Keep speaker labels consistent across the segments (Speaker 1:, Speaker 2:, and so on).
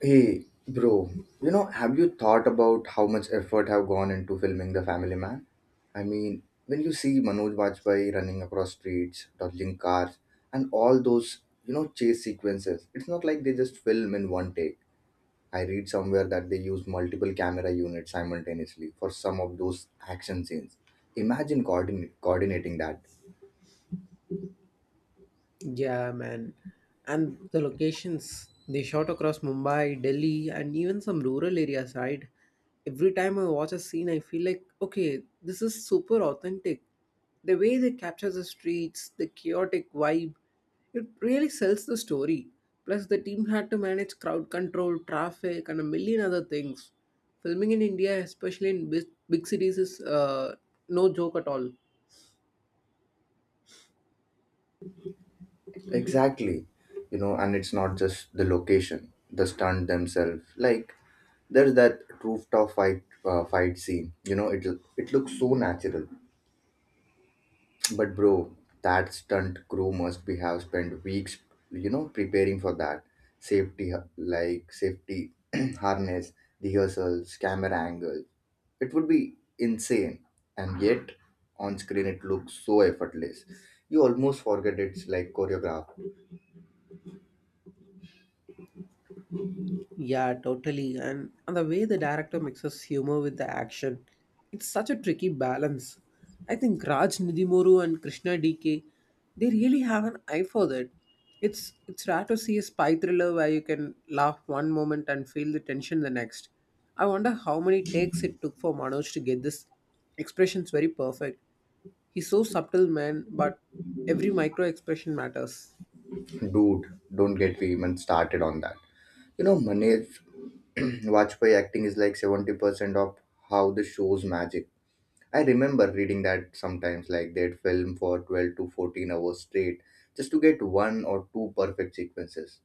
Speaker 1: Hey, bro, have you thought about how much effort have gone into filming The Family Man? I mean, when you see Manoj Bajpayee running across streets, dodging cars, and all those, chase sequences, it's not like they just film in one take. I read somewhere that they use multiple camera units simultaneously for some of those action scenes. Imagine coordinating that.
Speaker 2: Yeah, man. And the locations they shot across Mumbai, Delhi, and even some rural areas, right? Every time I watch a scene, I feel like, okay, this is super authentic. The way they capture the streets, the chaotic vibe, it really sells the story. Plus, the team had to manage crowd control, traffic, and a million other things. Filming in India, especially in big, big cities, is no joke at all.
Speaker 1: Exactly. And it's not just the location, the stunt themselves. Like there's that rooftop fight scene. It looks so natural. But bro, that stunt crew must be have spent weeks, preparing for that. Like safety harness, rehearsals, camera angle. It would be insane. And yet on screen it looks so effortless. You almost forget it's like choreographed.
Speaker 2: Yeah, totally. And the way the director mixes humor with the action, it's such a tricky balance. I think Raj Nidhimuru and Krishna DK, they really have an eye for that. It's rare to see a spy thriller where you can laugh one moment and feel the tension the next. I wonder how many takes it took for Manoj to get this expressions very perfect. He's so subtle man, but every micro expression matters.
Speaker 1: Dude, don't get me even started on that. Manoj Vajpayee acting is like 70% of how the show's magic. I remember reading that sometimes, like they'd film for 12 to 14 hours straight just to get one or two perfect sequences.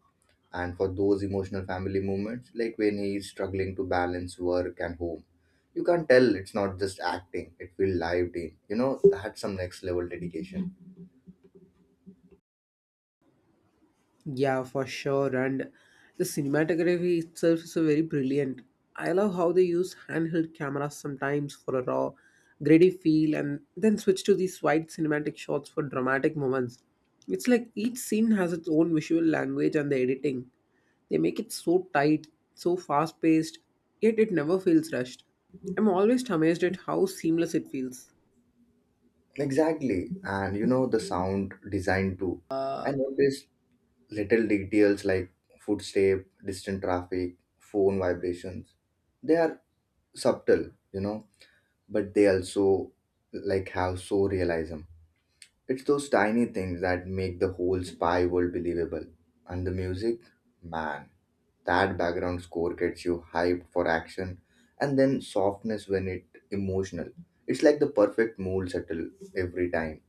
Speaker 1: And for those emotional family moments, like when he's struggling to balance work and home, you can't tell it's not just acting, it will lived in. That's some next level dedication.
Speaker 2: Yeah, for sure. And the cinematography itself is a very brilliant. I love how they use handheld cameras sometimes for a raw, gritty feel and then switch to these wide cinematic shots for dramatic moments. It's like each scene has its own visual language and the editing. They make it so tight, so fast paced, yet it never feels rushed. I'm always amazed at how seamless it feels.
Speaker 1: Exactly. And the sound design too. I noticed little details like footstep, distant traffic, phone vibrations. They are subtle, but they also like have so realism. It's those tiny things that make the whole spy world believable. And the music, man, that background score gets you hyped for action and then softness when it emotional. It's like the perfect mood settle every time.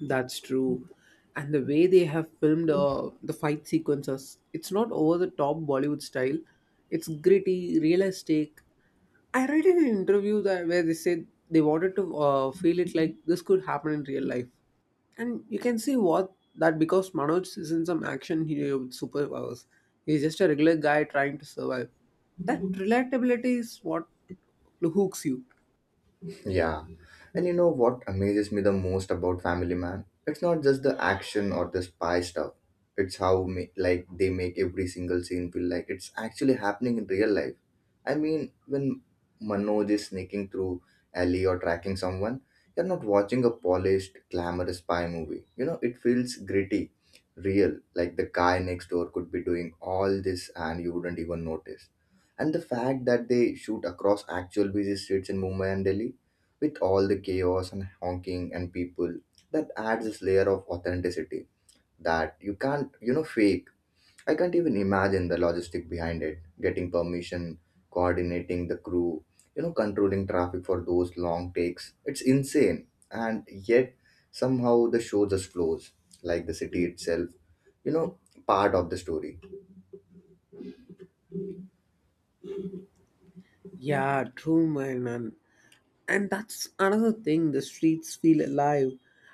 Speaker 2: That's true. And the way they have filmed the fight sequences, it's not over the top Bollywood style. It's gritty, realistic. I read in an interview that where they said they wanted to feel it like this could happen in real life. And you can see what that because Manoj isn't some action hero with superpowers. He's just a regular guy trying to survive. That relatability is what hooks you.
Speaker 1: Yeah. And you know what amazes me the most about Family Man? It's not just the action or the spy stuff. It's how like they make every single scene feel like it's actually happening in real life. I mean, when Manoj is sneaking through alley or tracking someone, you're not watching a polished, glamorous spy movie. It feels gritty, real. Like the guy next door could be doing all this and you wouldn't even notice. And the fact that they shoot across actual busy streets in Mumbai and Delhi with all the chaos and honking and people, that adds this layer of authenticity that you can't fake. I can't even imagine the logistic behind it, getting permission, coordinating the crew, controlling traffic for those long takes. It's insane, and yet somehow the show just flows like the city itself, you know part of the story.
Speaker 2: Yeah, true man. And that's another thing, the streets feel alive.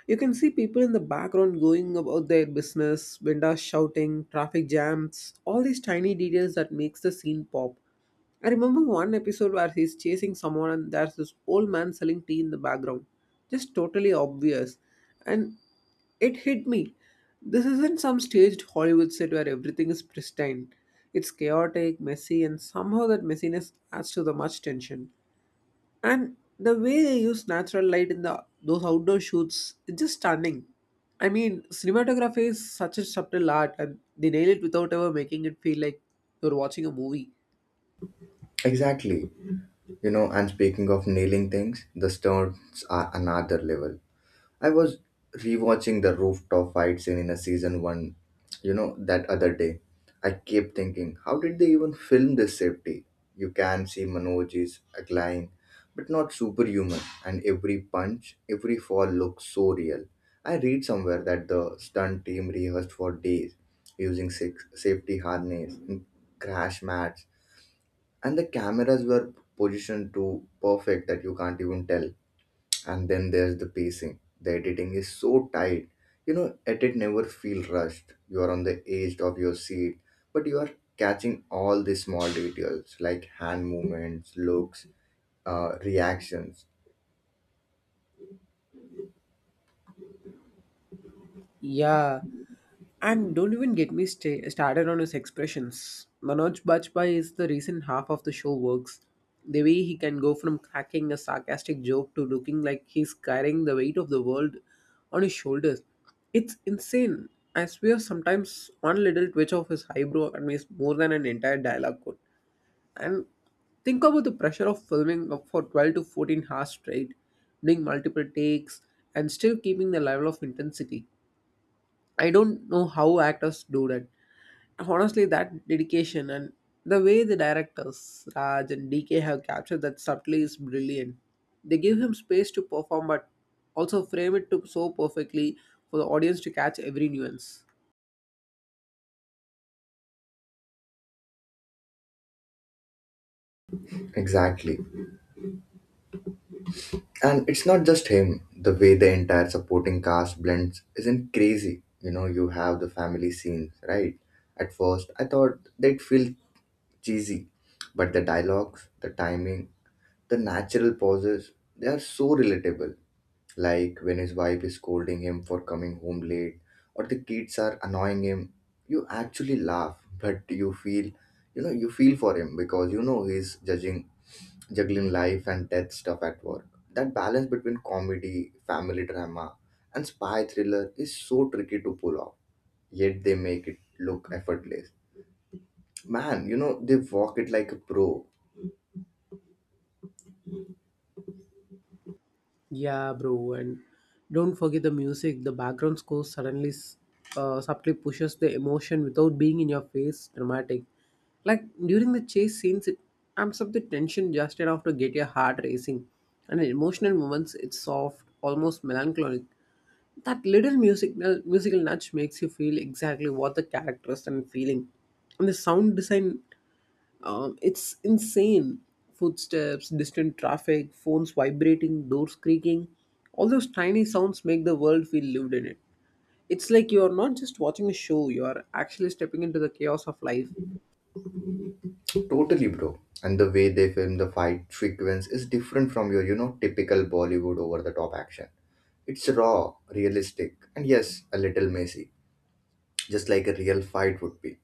Speaker 2: You can see people in the background going about their business, windows shouting, traffic jams, all these tiny details that makes the scene pop. I remember one episode where he's chasing someone and there's this old man selling tea in the background. Just totally obvious. And it hit me. This isn't some staged Hollywood set where everything is pristine. It's chaotic, messy, and somehow that messiness adds to the much tension. And the way they use natural light in the those outdoor shoots, it's just stunning. I mean, cinematography is such a subtle art, and they nail it without ever making it feel like you're watching a movie.
Speaker 1: Exactly. And speaking of nailing things, the stunts are another level. I was rewatching the rooftop fight scene in a season one, that other day. I kept thinking, how did they even film this safety? You can see Manoj is agile, but not superhuman, and every punch, every fall looks so real. I read somewhere that the stunt team rehearsed for days using six safety harness and crash mats, and the cameras were positioned to perfect that you can't even tell. And then there's the pacing, the editing is so tight, edit never feel rushed, you are on the edge of your seat, but you are catching all the small details, like hand movements looks, reactions.
Speaker 2: Yeah, and don't even get me started on his expressions. Manoj Bajpayee is the reason half of the show works. The way he can go from cracking a sarcastic joke to looking like he's carrying the weight of the world on his shoulders. It's insane. I swear sometimes one little twitch of his eyebrow means more than an entire dialogue code. And think about the pressure of filming up for 12 to 14 hours straight, doing multiple takes, and still keeping the level of intensity. I don't know how actors do that. Honestly, that dedication and the way the directors, Raj and DK, have captured that subtly is brilliant. They give him space to perform but also frame it to so perfectly for the audience to catch every nuance.
Speaker 1: Exactly. And it's not just him, the way the entire supporting cast blends isn't crazy. You have the family scenes, right? At first I thought they'd feel cheesy, but the dialogues, the timing, the natural pauses, they are so relatable. Like when his wife is scolding him for coming home late or the kids are annoying him, you actually laugh, but you feel for him because you know he's juggling life and death stuff at work. That balance between comedy, family drama, and spy thriller is so tricky to pull off, yet they make it look effortless. Man, they walk it like a pro.
Speaker 2: Yeah, bro, and don't forget the music. The background score suddenly subtly pushes the emotion without being in your face dramatic. Like during the chase scenes, it amps up the tension just enough to get your heart racing. And in emotional moments, it's soft, almost melancholic. That little musical nudge makes you feel exactly what the characters and feeling. And the sound design it's insane. Footsteps, distant traffic, phones vibrating, doors creaking. All those tiny sounds make the world feel lived in it. It's like you're not just watching a show, you're actually stepping into the chaos of life.
Speaker 1: Totally, bro. And the way they film the fight sequence is different from your, typical Bollywood over the top action. It's raw, realistic, and yes, a little messy, just like a real fight would be.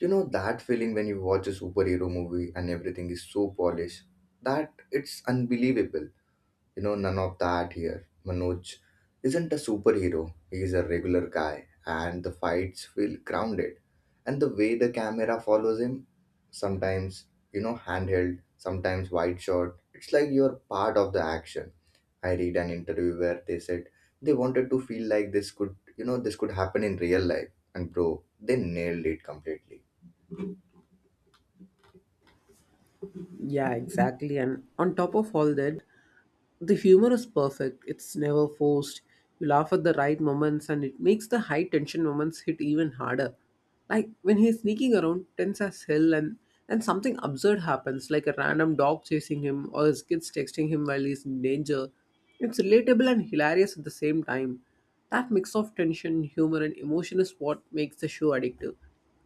Speaker 1: You know that feeling when you watch a superhero movie and everything is so polished that it's unbelievable. None of that here. Manoj isn't a superhero, he's a regular guy, and the fights feel grounded. And the way the camera follows him, sometimes, handheld, sometimes wide shot, it's like you're part of the action. I read an interview where they said they wanted to feel like this could happen in real life. And bro, they nailed it completely.
Speaker 2: Yeah, exactly. And on top of all that, the humor is perfect, it's never forced. You laugh at the right moments and it makes the high tension moments hit even harder. Like when he's sneaking around, tense as hell, and, something absurd happens, like a random dog chasing him or his kids texting him while he's in danger. It's relatable and hilarious at the same time. That mix of tension, humor, and emotion is what makes the show addictive.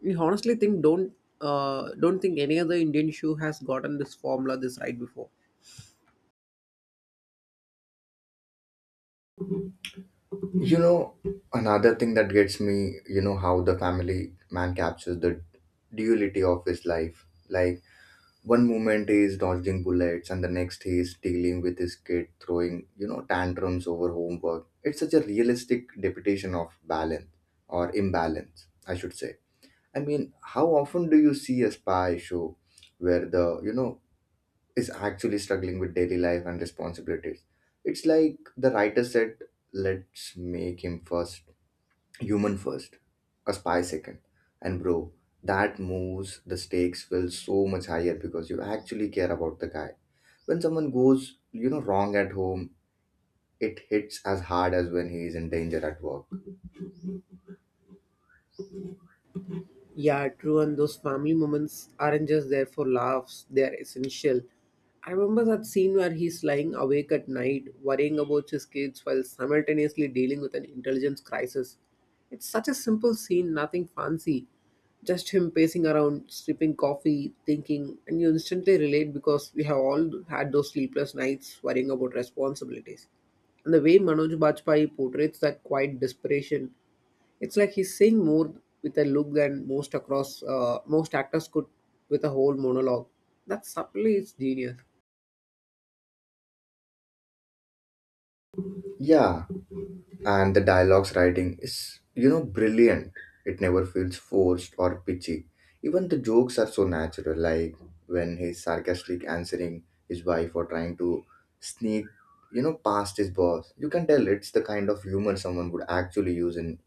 Speaker 2: I honestly think don't think any other Indian show has gotten this formula this right before.
Speaker 1: You know, Another thing that gets me, how the family man captures the duality of his life. Like, one moment he is dodging bullets, and the next he is dealing with his kid throwing, tantrums over homework. It's such a realistic depiction of balance or imbalance, I should say. I mean, how often do you see a spy show where the, is actually struggling with daily life and responsibilities. It's like the writer said, let's make him first, human first, a spy second. And bro, that moves the stakes feel so much higher because you actually care about the guy. When someone goes, wrong at home, it hits as hard as when he is in danger at work.
Speaker 2: Yeah, true. And those family moments aren't just there for laughs, they are essential. I remember that scene where he's lying awake at night, worrying about his kids while simultaneously dealing with an intelligence crisis. It's such a simple scene, nothing fancy. Just him pacing around, sipping coffee, thinking, and you instantly relate because we have all had those sleepless nights worrying about responsibilities. And the way Manoj Bajpayee portrays that quiet desperation it's like he's saying more with a look than most across most actors could with a whole monologue. That subtly is genius.
Speaker 1: Yeah, and the dialogues writing is brilliant, it never feels forced or pitchy, even the jokes are so natural, like when he's sarcastic answering his wife or trying to sneak, past his boss, you can tell it's the kind of humor someone would actually use in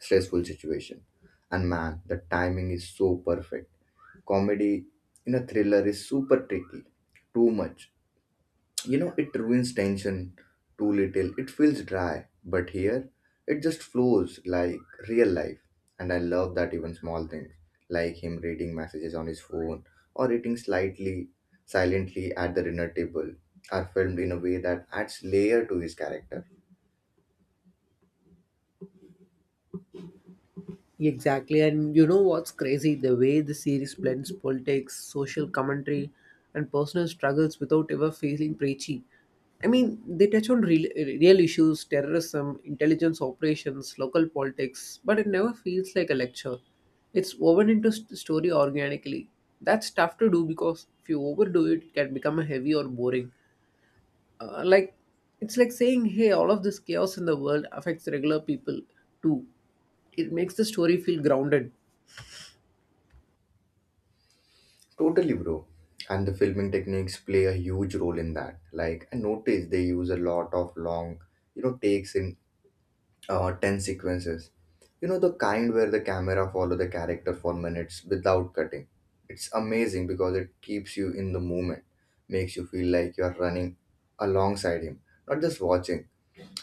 Speaker 1: stressful situation. And man, the timing is so perfect. Comedy in a thriller is super tricky. Too much, it ruins tension. Too little, it feels dry, but here it just flows like real life. And I love that even small things, like him reading messages on his phone or eating slightly silently at the dinner table, are filmed in a way that adds layer to his character.
Speaker 2: Exactly, and you know what's crazy? The way the series blends politics, social commentary, and personal struggles without ever feeling preachy. I mean, they touch on real issues, terrorism, intelligence operations, local politics, but it never feels like a lecture. It's woven into the story organically. That's tough to do because if you overdo it, it can become a heavy or boring. Uh, like it's like saying, "Hey, all of this chaos in the world affects regular people too." It makes the story feel grounded.
Speaker 1: Totally, bro. And the filming techniques play a huge role in that. Like I noticed they use a lot of long, takes in 10 sequences. You know the kind where the camera follow the character for minutes without cutting. It's amazing because it keeps you in the moment, makes you feel like you are running alongside him, not just watching.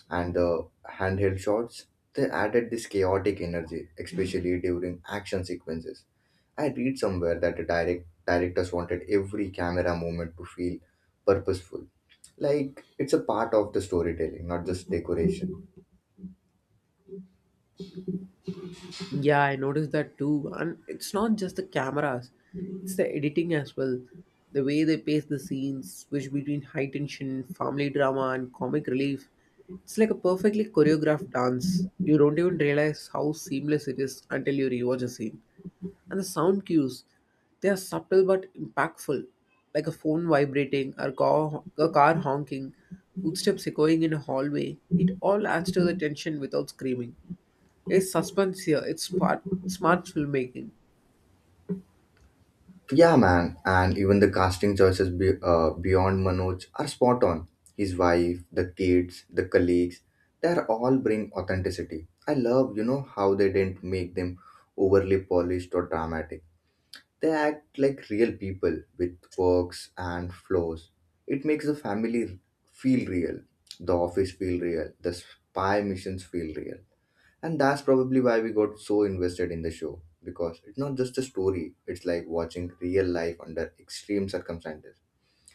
Speaker 1: And the handheld shots, they added this chaotic energy, especially during action sequences. I read somewhere that the directors wanted every camera movement to feel purposeful. Like it's a part of the storytelling, not just decoration.
Speaker 2: Yeah, I noticed that too. And it's not just the cameras, it's the editing as well. The way they pace the scenes, switch between high tension, family drama, and comic relief. It's like a perfectly choreographed dance. You don't even realize how seamless it is until you rewatch a scene. And the sound cues, they are subtle but impactful, like a phone vibrating, a car honking, footsteps echoing in a hallway. It all adds to the tension without screaming. It's suspense here, it's smart filmmaking.
Speaker 1: Yeah, man, and even the casting choices beyond Manoj are spot on. His wife, the kids, the colleagues, they are all bring authenticity. I love, how they didn't make them overly polished or dramatic. They act like real people with quirks and flaws. It makes the family feel real, the office feel real, the spy missions feel real. And that's probably why we got so invested in the show, because it's not just a story, it's like watching real life under extreme circumstances.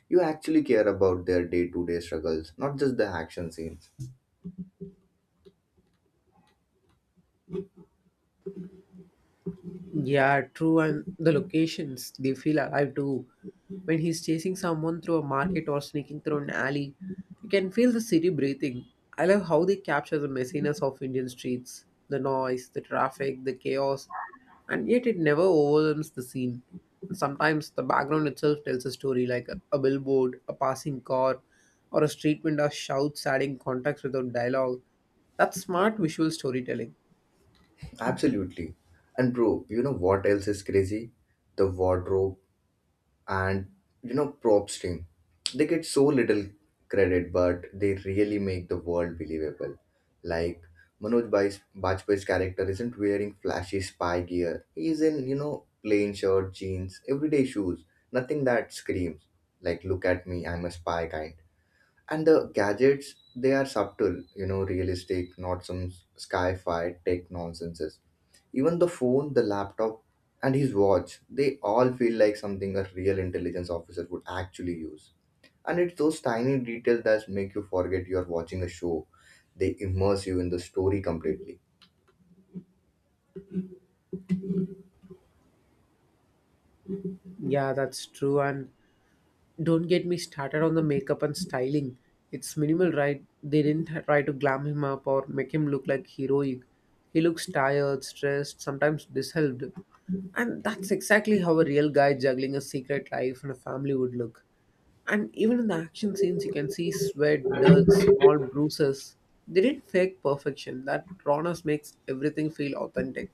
Speaker 1: You actually care about their day to day struggles, not just the action scenes.
Speaker 2: Yeah, true. And the locations, they feel alive too. When he's chasing someone through a market or sneaking through an alley, you can feel the city breathing. I love how they capture the messiness of Indian streets, the noise, the traffic, the chaos, and yet it never overwhelms the scene. Sometimes the background itself tells a story like a billboard, a passing car, or a street vendor shouts adding context without dialogue. That's smart visual storytelling.
Speaker 1: Absolutely. And bro, you know what else is crazy? The wardrobe and props team, they get so little credit, but they really make the world believable. Like Manoj Bajpayee's character isn't wearing flashy spy gear, he's in plain shirt, jeans, everyday shoes, nothing that screams like, look at me, I'm a spy kind. And the gadgets, they are subtle, realistic, not some sci-fi tech nonsenses. Even the phone, the laptop, and his watch, they all feel like something a real intelligence officer would actually use. And it's those tiny details that make you forget you're watching a show, they immerse you in the story completely.
Speaker 2: Yeah, that's true. And don't get me started on the makeup and styling. It's minimal, right? They didn't try to glam him up or make him look like heroic. He looks tired, stressed, sometimes disheveled. And that's exactly how a real guy juggling a secret life and a family would look. And even in the action scenes, you can see sweat, dirt, small bruises. They didn't fake perfection. That rawness makes everything feel authentic.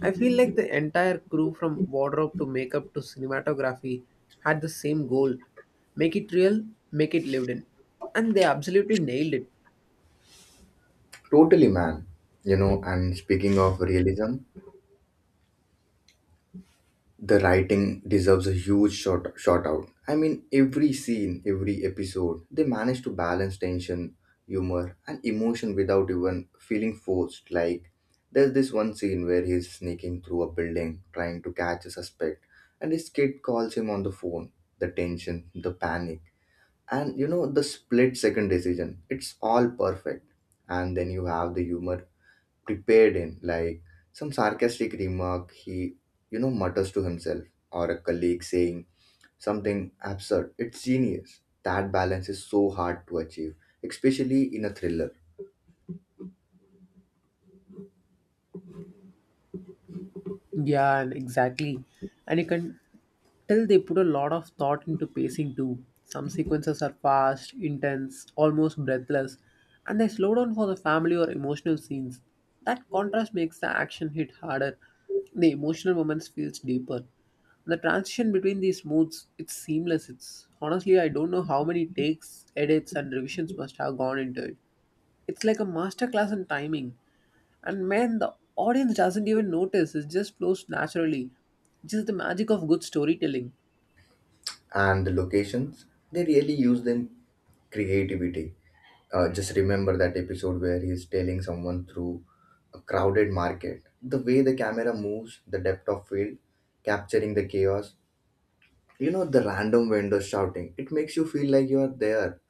Speaker 2: I feel like the entire crew from wardrobe to makeup to cinematography had the same goal make it real, make it lived in. And they absolutely nailed it.
Speaker 1: Totally, man. And speaking of realism, the writing deserves a huge short shout out. I mean, every scene, every episode, they manage to balance tension, humor, and emotion without even feeling forced. Like, there's this one scene where he's sneaking through a building trying to catch a suspect, and his kid calls him on the phone. The tension, the panic, and the split second decision. It's all perfect. And then you have the humor prepared in, like some sarcastic remark he, mutters to himself, or a colleague saying something absurd. It's genius. That balance is so hard to achieve, especially in a thriller.
Speaker 2: Yeah, and exactly. And you can till they put a lot of thought into pacing too. Some sequences are fast, intense, almost breathless, and they slow down for the family or emotional scenes. That contrast makes the action hit harder. The emotional moments feels deeper. The transition between these modes, it's seamless. It's honestly I don't know how many takes, edits and revisions must have gone into it. It's like a masterclass in timing. And man, the audience doesn't even notice. It just flows naturally. Just the magic of good storytelling.
Speaker 1: And the locations, they really use them creativity. Just remember that episode where he's telling someone through a crowded market. The way the camera moves, the depth of field, capturing the chaos. The random vendors shouting. It makes you feel like you are there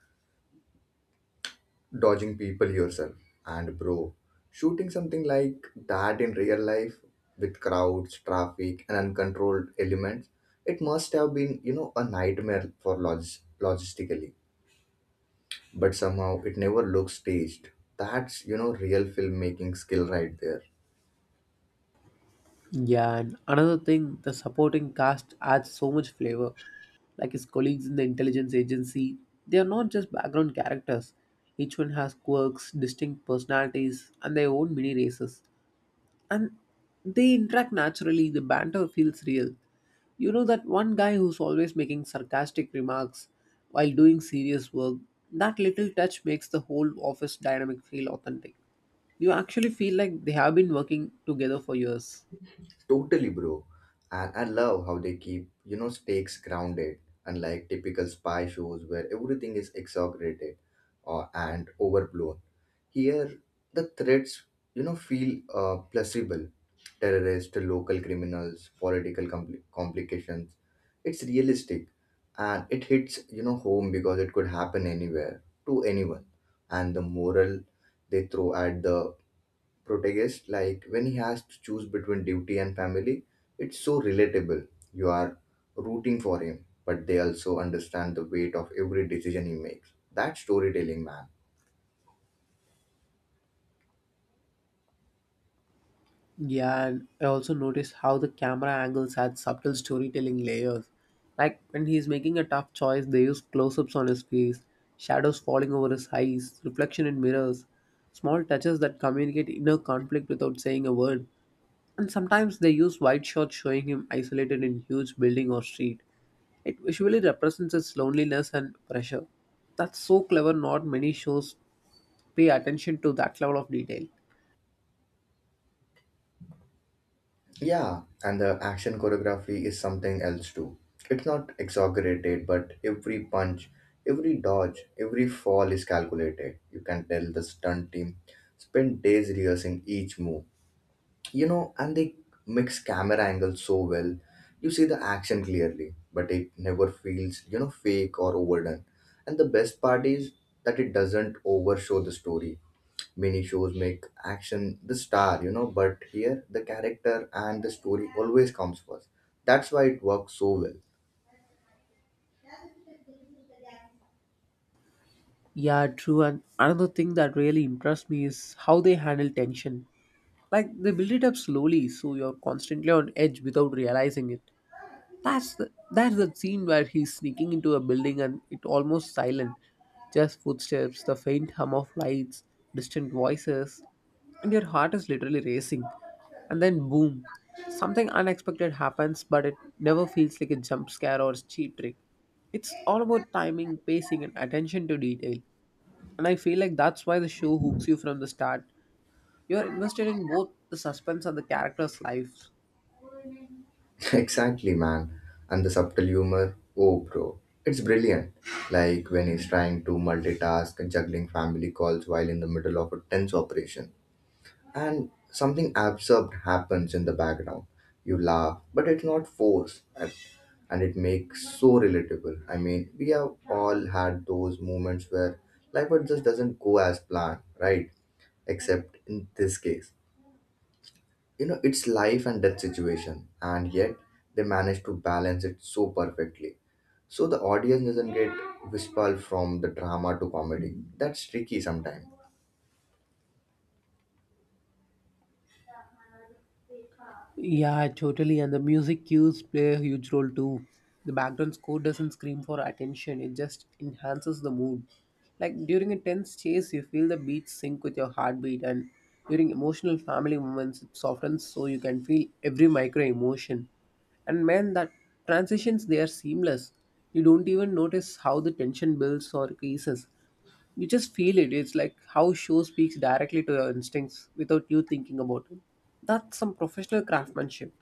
Speaker 1: dodging people yourself. And bro, shooting something like that in real life with crowds, traffic, and uncontrolled elements, it must have been, a nightmare for logistically. But somehow it never looks staged. That's, real filmmaking skill right there.
Speaker 2: Yeah, and another thing, the supporting cast adds so much flavor. Like his colleagues in the intelligence agency, they are not just background characters. Each one has quirks, distinct personalities, and their own mini races. And they interact naturally, the banter feels real. You know that one guy who's always making sarcastic remarks while doing serious work, that little touch makes the whole office dynamic feel authentic. You actually feel like they have been working together for years.
Speaker 1: Totally, bro. And I love how they keep, stakes grounded, unlike typical spy shows where everything is exaggerated or, and overblown. Here, the threats, feel plausible. Terrorists, local criminals, political complications. It's realistic, and it hits, home because it could happen anywhere to anyone. And the moral they throw at the protagonist, like when he has to choose between duty and family, it's so relatable. You are rooting for him, but they also understand the weight of every decision he makes. That storytelling, man.
Speaker 2: Yeah, and I also noticed how the camera angles had subtle storytelling layers. Like when he's making a tough choice, they use close ups on his face, shadows falling over his eyes, reflection in mirrors, small touches that communicate inner conflict without saying a word. And sometimes they use wide shots showing him isolated in huge building or street. It visually represents his loneliness and pressure. That's so clever, not many shows pay attention to that level of detail.
Speaker 1: Yeah, and the action choreography is something else too. It's not exaggerated, but every punch, every dodge, every fall is calculated. You can tell the stunt team spent days rehearsing each move. You know, and they mix camera angles so well. You see the action clearly, but it never feels fake or overdone. And the best part is that it doesn't overshow the story. Many shows make action the star, you know, but here the character and the story always comes first. That's why it works so well.
Speaker 2: Yeah, true. And another thing that really impressed me is how they handle tension. Like they build it up slowly, so you're constantly on edge without realizing it. That's the scene where he's sneaking into a building and it almost silent, just footsteps, the faint hum of lights, distant voices, and your heart is literally racing. And then boom, something unexpected happens, but it never feels like a jump scare or cheap trick. It's all about timing, pacing, and attention to detail. And I feel like that's why the show hooks you from the start. You're invested in both the suspense and the characters' lives.
Speaker 1: Exactly, man. And the subtle humor, oh, bro, it's brilliant. Like when he's trying to multitask and juggling family calls while in the middle of a tense operation, and something absurd happens in the background. You laugh, but it's not forced, and it makes so relatable. I mean, we have all had those moments where life but just doesn't go as planned, right? Except in this case, you know, it's life and death situation, and yet they manage to balance it so perfectly. So the audience doesn't get whispered from the drama to comedy. That's tricky sometimes.
Speaker 2: Yeah, totally. And the music cues play a huge role too. The background score doesn't scream for attention, it just enhances the mood. Like during a tense chase, you feel the beats sync with your heartbeat, and during emotional family moments, it softens so you can feel every micro emotion. And man, that transitions they are seamless. You don't even notice how the tension builds or creases. You just feel it. It's like how show speaks directly to your instincts without you thinking about it. That's some professional craftsmanship.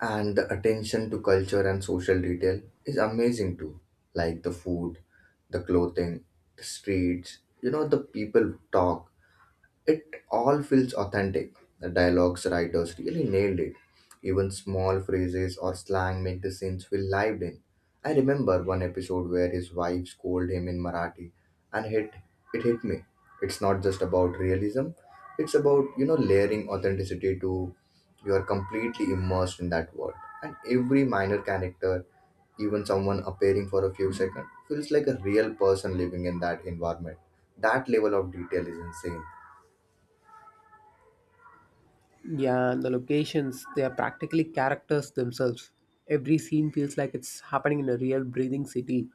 Speaker 1: And the attention to culture and social detail is amazing too, like the food, the clothing, the streets, you know, the people talk, it all feels authentic. The dialogues writers really nailed it. Even small phrases or slang make the scenes feel lived in. I remember one episode where his wife scolded him in Marathi and hit it hit me. It's not just about realism, it's about, layering authenticity to you are completely immersed in that world. And every minor character, even someone appearing for a few seconds, feels like a real person living in that environment. That level of detail is insane.
Speaker 2: Yeah, and the locations, they are practically characters themselves. Every scene feels like it's happening in a real breathing city.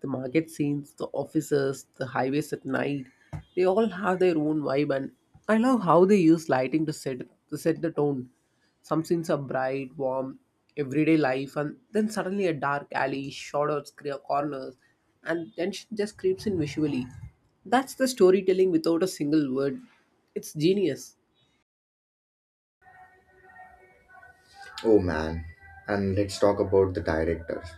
Speaker 2: The market scenes, the offices, the highways at night, they all have their own vibe and I love how they use lighting to set the tone. Some scenes are bright, warm, everyday life and then suddenly a dark alley, shadows, corners and tension just creeps in visually. That's the storytelling without a single word. It's genius.
Speaker 1: Oh man, and let's talk about the directors,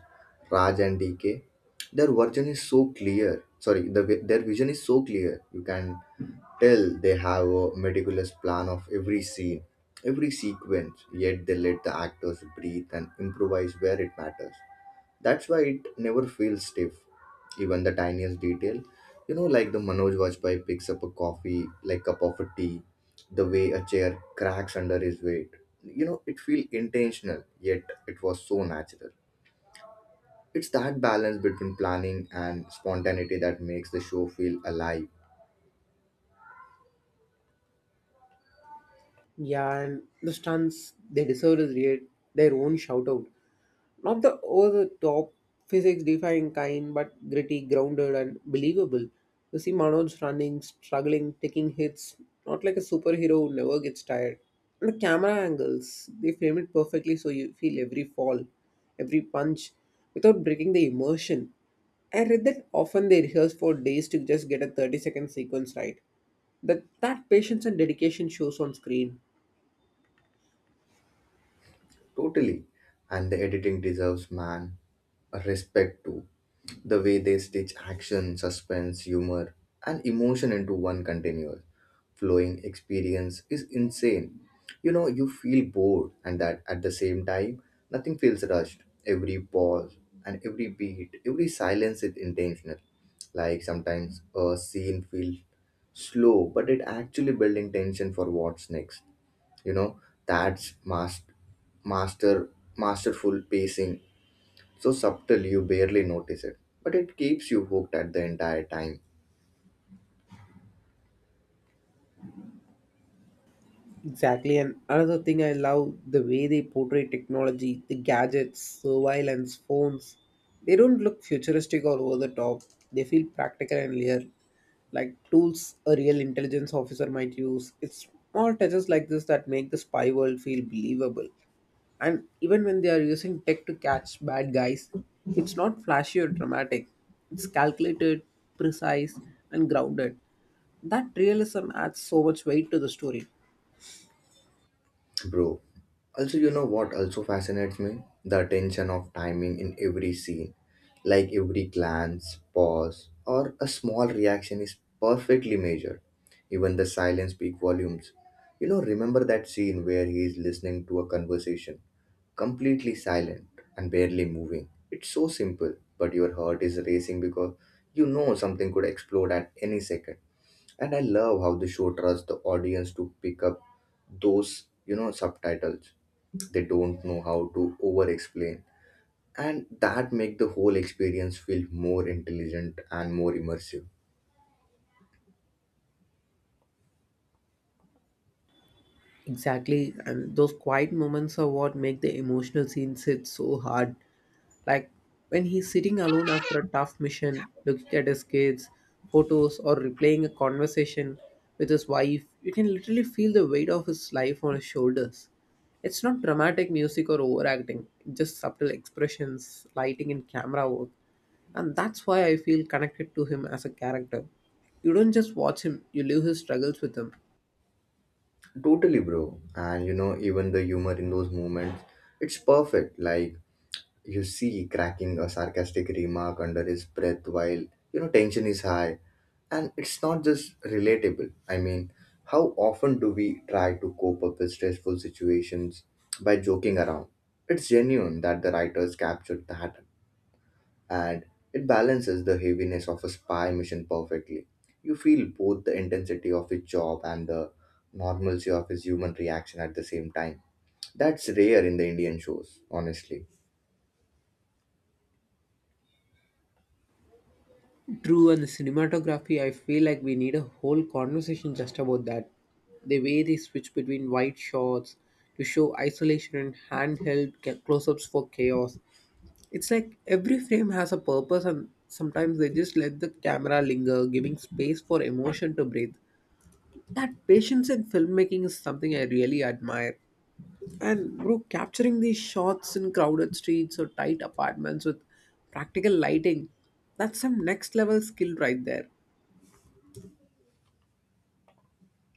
Speaker 1: Raj and DK. Their vision is so clear. Sorry, their vision is so clear. You can tell they have a meticulous plan of every scene, every sequence. Yet they let the actors breathe and improvise where it matters. That's why it never feels stiff, even the tiniest detail. You know, like the Manoj Vajpayee picks up a coffee, like cup of a tea, the way a chair cracks under his weight. You know, it feel intentional, yet it was so natural. It's that balance between planning and spontaneity that makes the show feel alive.
Speaker 2: Yeah, and the stunts they their own shout out. Not the over the top, physics defying kind, but gritty, grounded, and believable. You see Manoj running, struggling, taking hits, not like a superhero who never gets tired. And the camera angles, they frame it perfectly so you feel every fall, every punch, without breaking the immersion. I read that often they rehearse for days to just get a 30-second sequence right. That patience and dedication shows on screen.
Speaker 1: Totally. And the editing deserves man a respect too. The way they stitch action, suspense, humor, and emotion into one continuous flowing experience is insane. You know, you feel bored and that at the same time nothing feels rushed. Every pause and every beat, every silence is intentional. Like sometimes a scene feels slow, but it actually building tension for what's next, you know. That's master masterful pacing, so subtle you barely notice it, but it keeps you hooked at the entire time.
Speaker 2: Exactly, and another thing I love the way they portray technology, the gadgets, surveillance, phones. They don't look futuristic or over the top. They feel practical and real, like tools a real intelligence officer might use. It's small touches like this that make the spy world feel believable. And even when they are using tech to catch bad guys, it's not flashy or dramatic. It's calculated, precise, and grounded. That realism adds so much weight to the story.
Speaker 1: Bro, also, you know what also fascinates me, the attention of timing in every scene. Like every glance, pause, or a small reaction is perfectly measured, even the silence speak volumes. You know, remember that scene where he is listening to a conversation, completely silent and barely moving. It's so simple, but your heart is racing because you know something could explode at any second. And I love how the show trusts the audience to pick up those subtitles. They don't know how to over explain. And that make the whole experience feel more intelligent and more immersive.
Speaker 2: Exactly, and those quiet moments are what make the emotional scenes hit so hard. Like when he's sitting alone after a tough mission, looking at his kids, photos, or replaying a conversation with his wife, you can literally feel the weight of his life on his shoulders. It's not dramatic music or overacting, just subtle expressions, lighting, and camera work. And that's why I feel connected to him as a character. You don't just watch him, you live his struggles with him.
Speaker 1: Totally, bro. And you know, even the humor in those moments, it's perfect. Like you see cracking a sarcastic remark under his breath while you know tension is high. And it's not just relatable, I mean, how often do we try to cope up with stressful situations by joking around? It's genuine that the writers captured that, and it balances the heaviness of a spy mission perfectly. You feel both the intensity of his job and the normalcy of his human reaction at the same time. That's rare in the Indian shows, honestly.
Speaker 2: True, and the cinematography, I feel like we need a whole conversation just about that. The way they switch between wide shots to show isolation and close ups for chaos. It's like every frame has a purpose, and sometimes they just let the camera linger, giving space for emotion to breathe. That patience in filmmaking is something I really admire. And, bro, capturing these shots in crowded streets or tight apartments with practical lighting, that's some next level skill right there.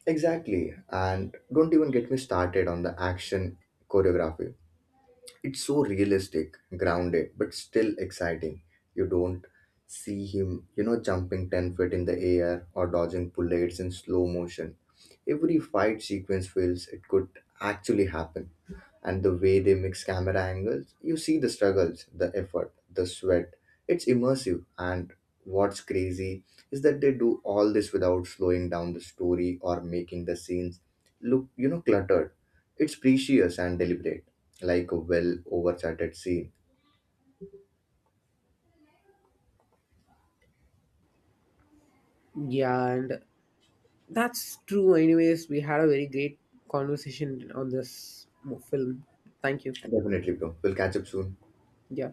Speaker 1: Exactly. And don't even get me started on the action choreography. It's so realistic, grounded, but still exciting. You don't see him jumping 10 feet in the air or dodging bullets in slow motion. Every fight sequence feels it could actually happen, and the way they mix camera angles, you see the struggles, the effort, the sweat. It's immersive, and what's crazy is that they do all this without slowing down the story or making the scenes look, cluttered. It's precious and deliberate, like a well overcharted scene.
Speaker 2: Yeah, and that's true. Anyways, we had a very great conversation on this film. Thank you.
Speaker 1: Definitely, bro, we'll catch up soon.
Speaker 2: Yeah.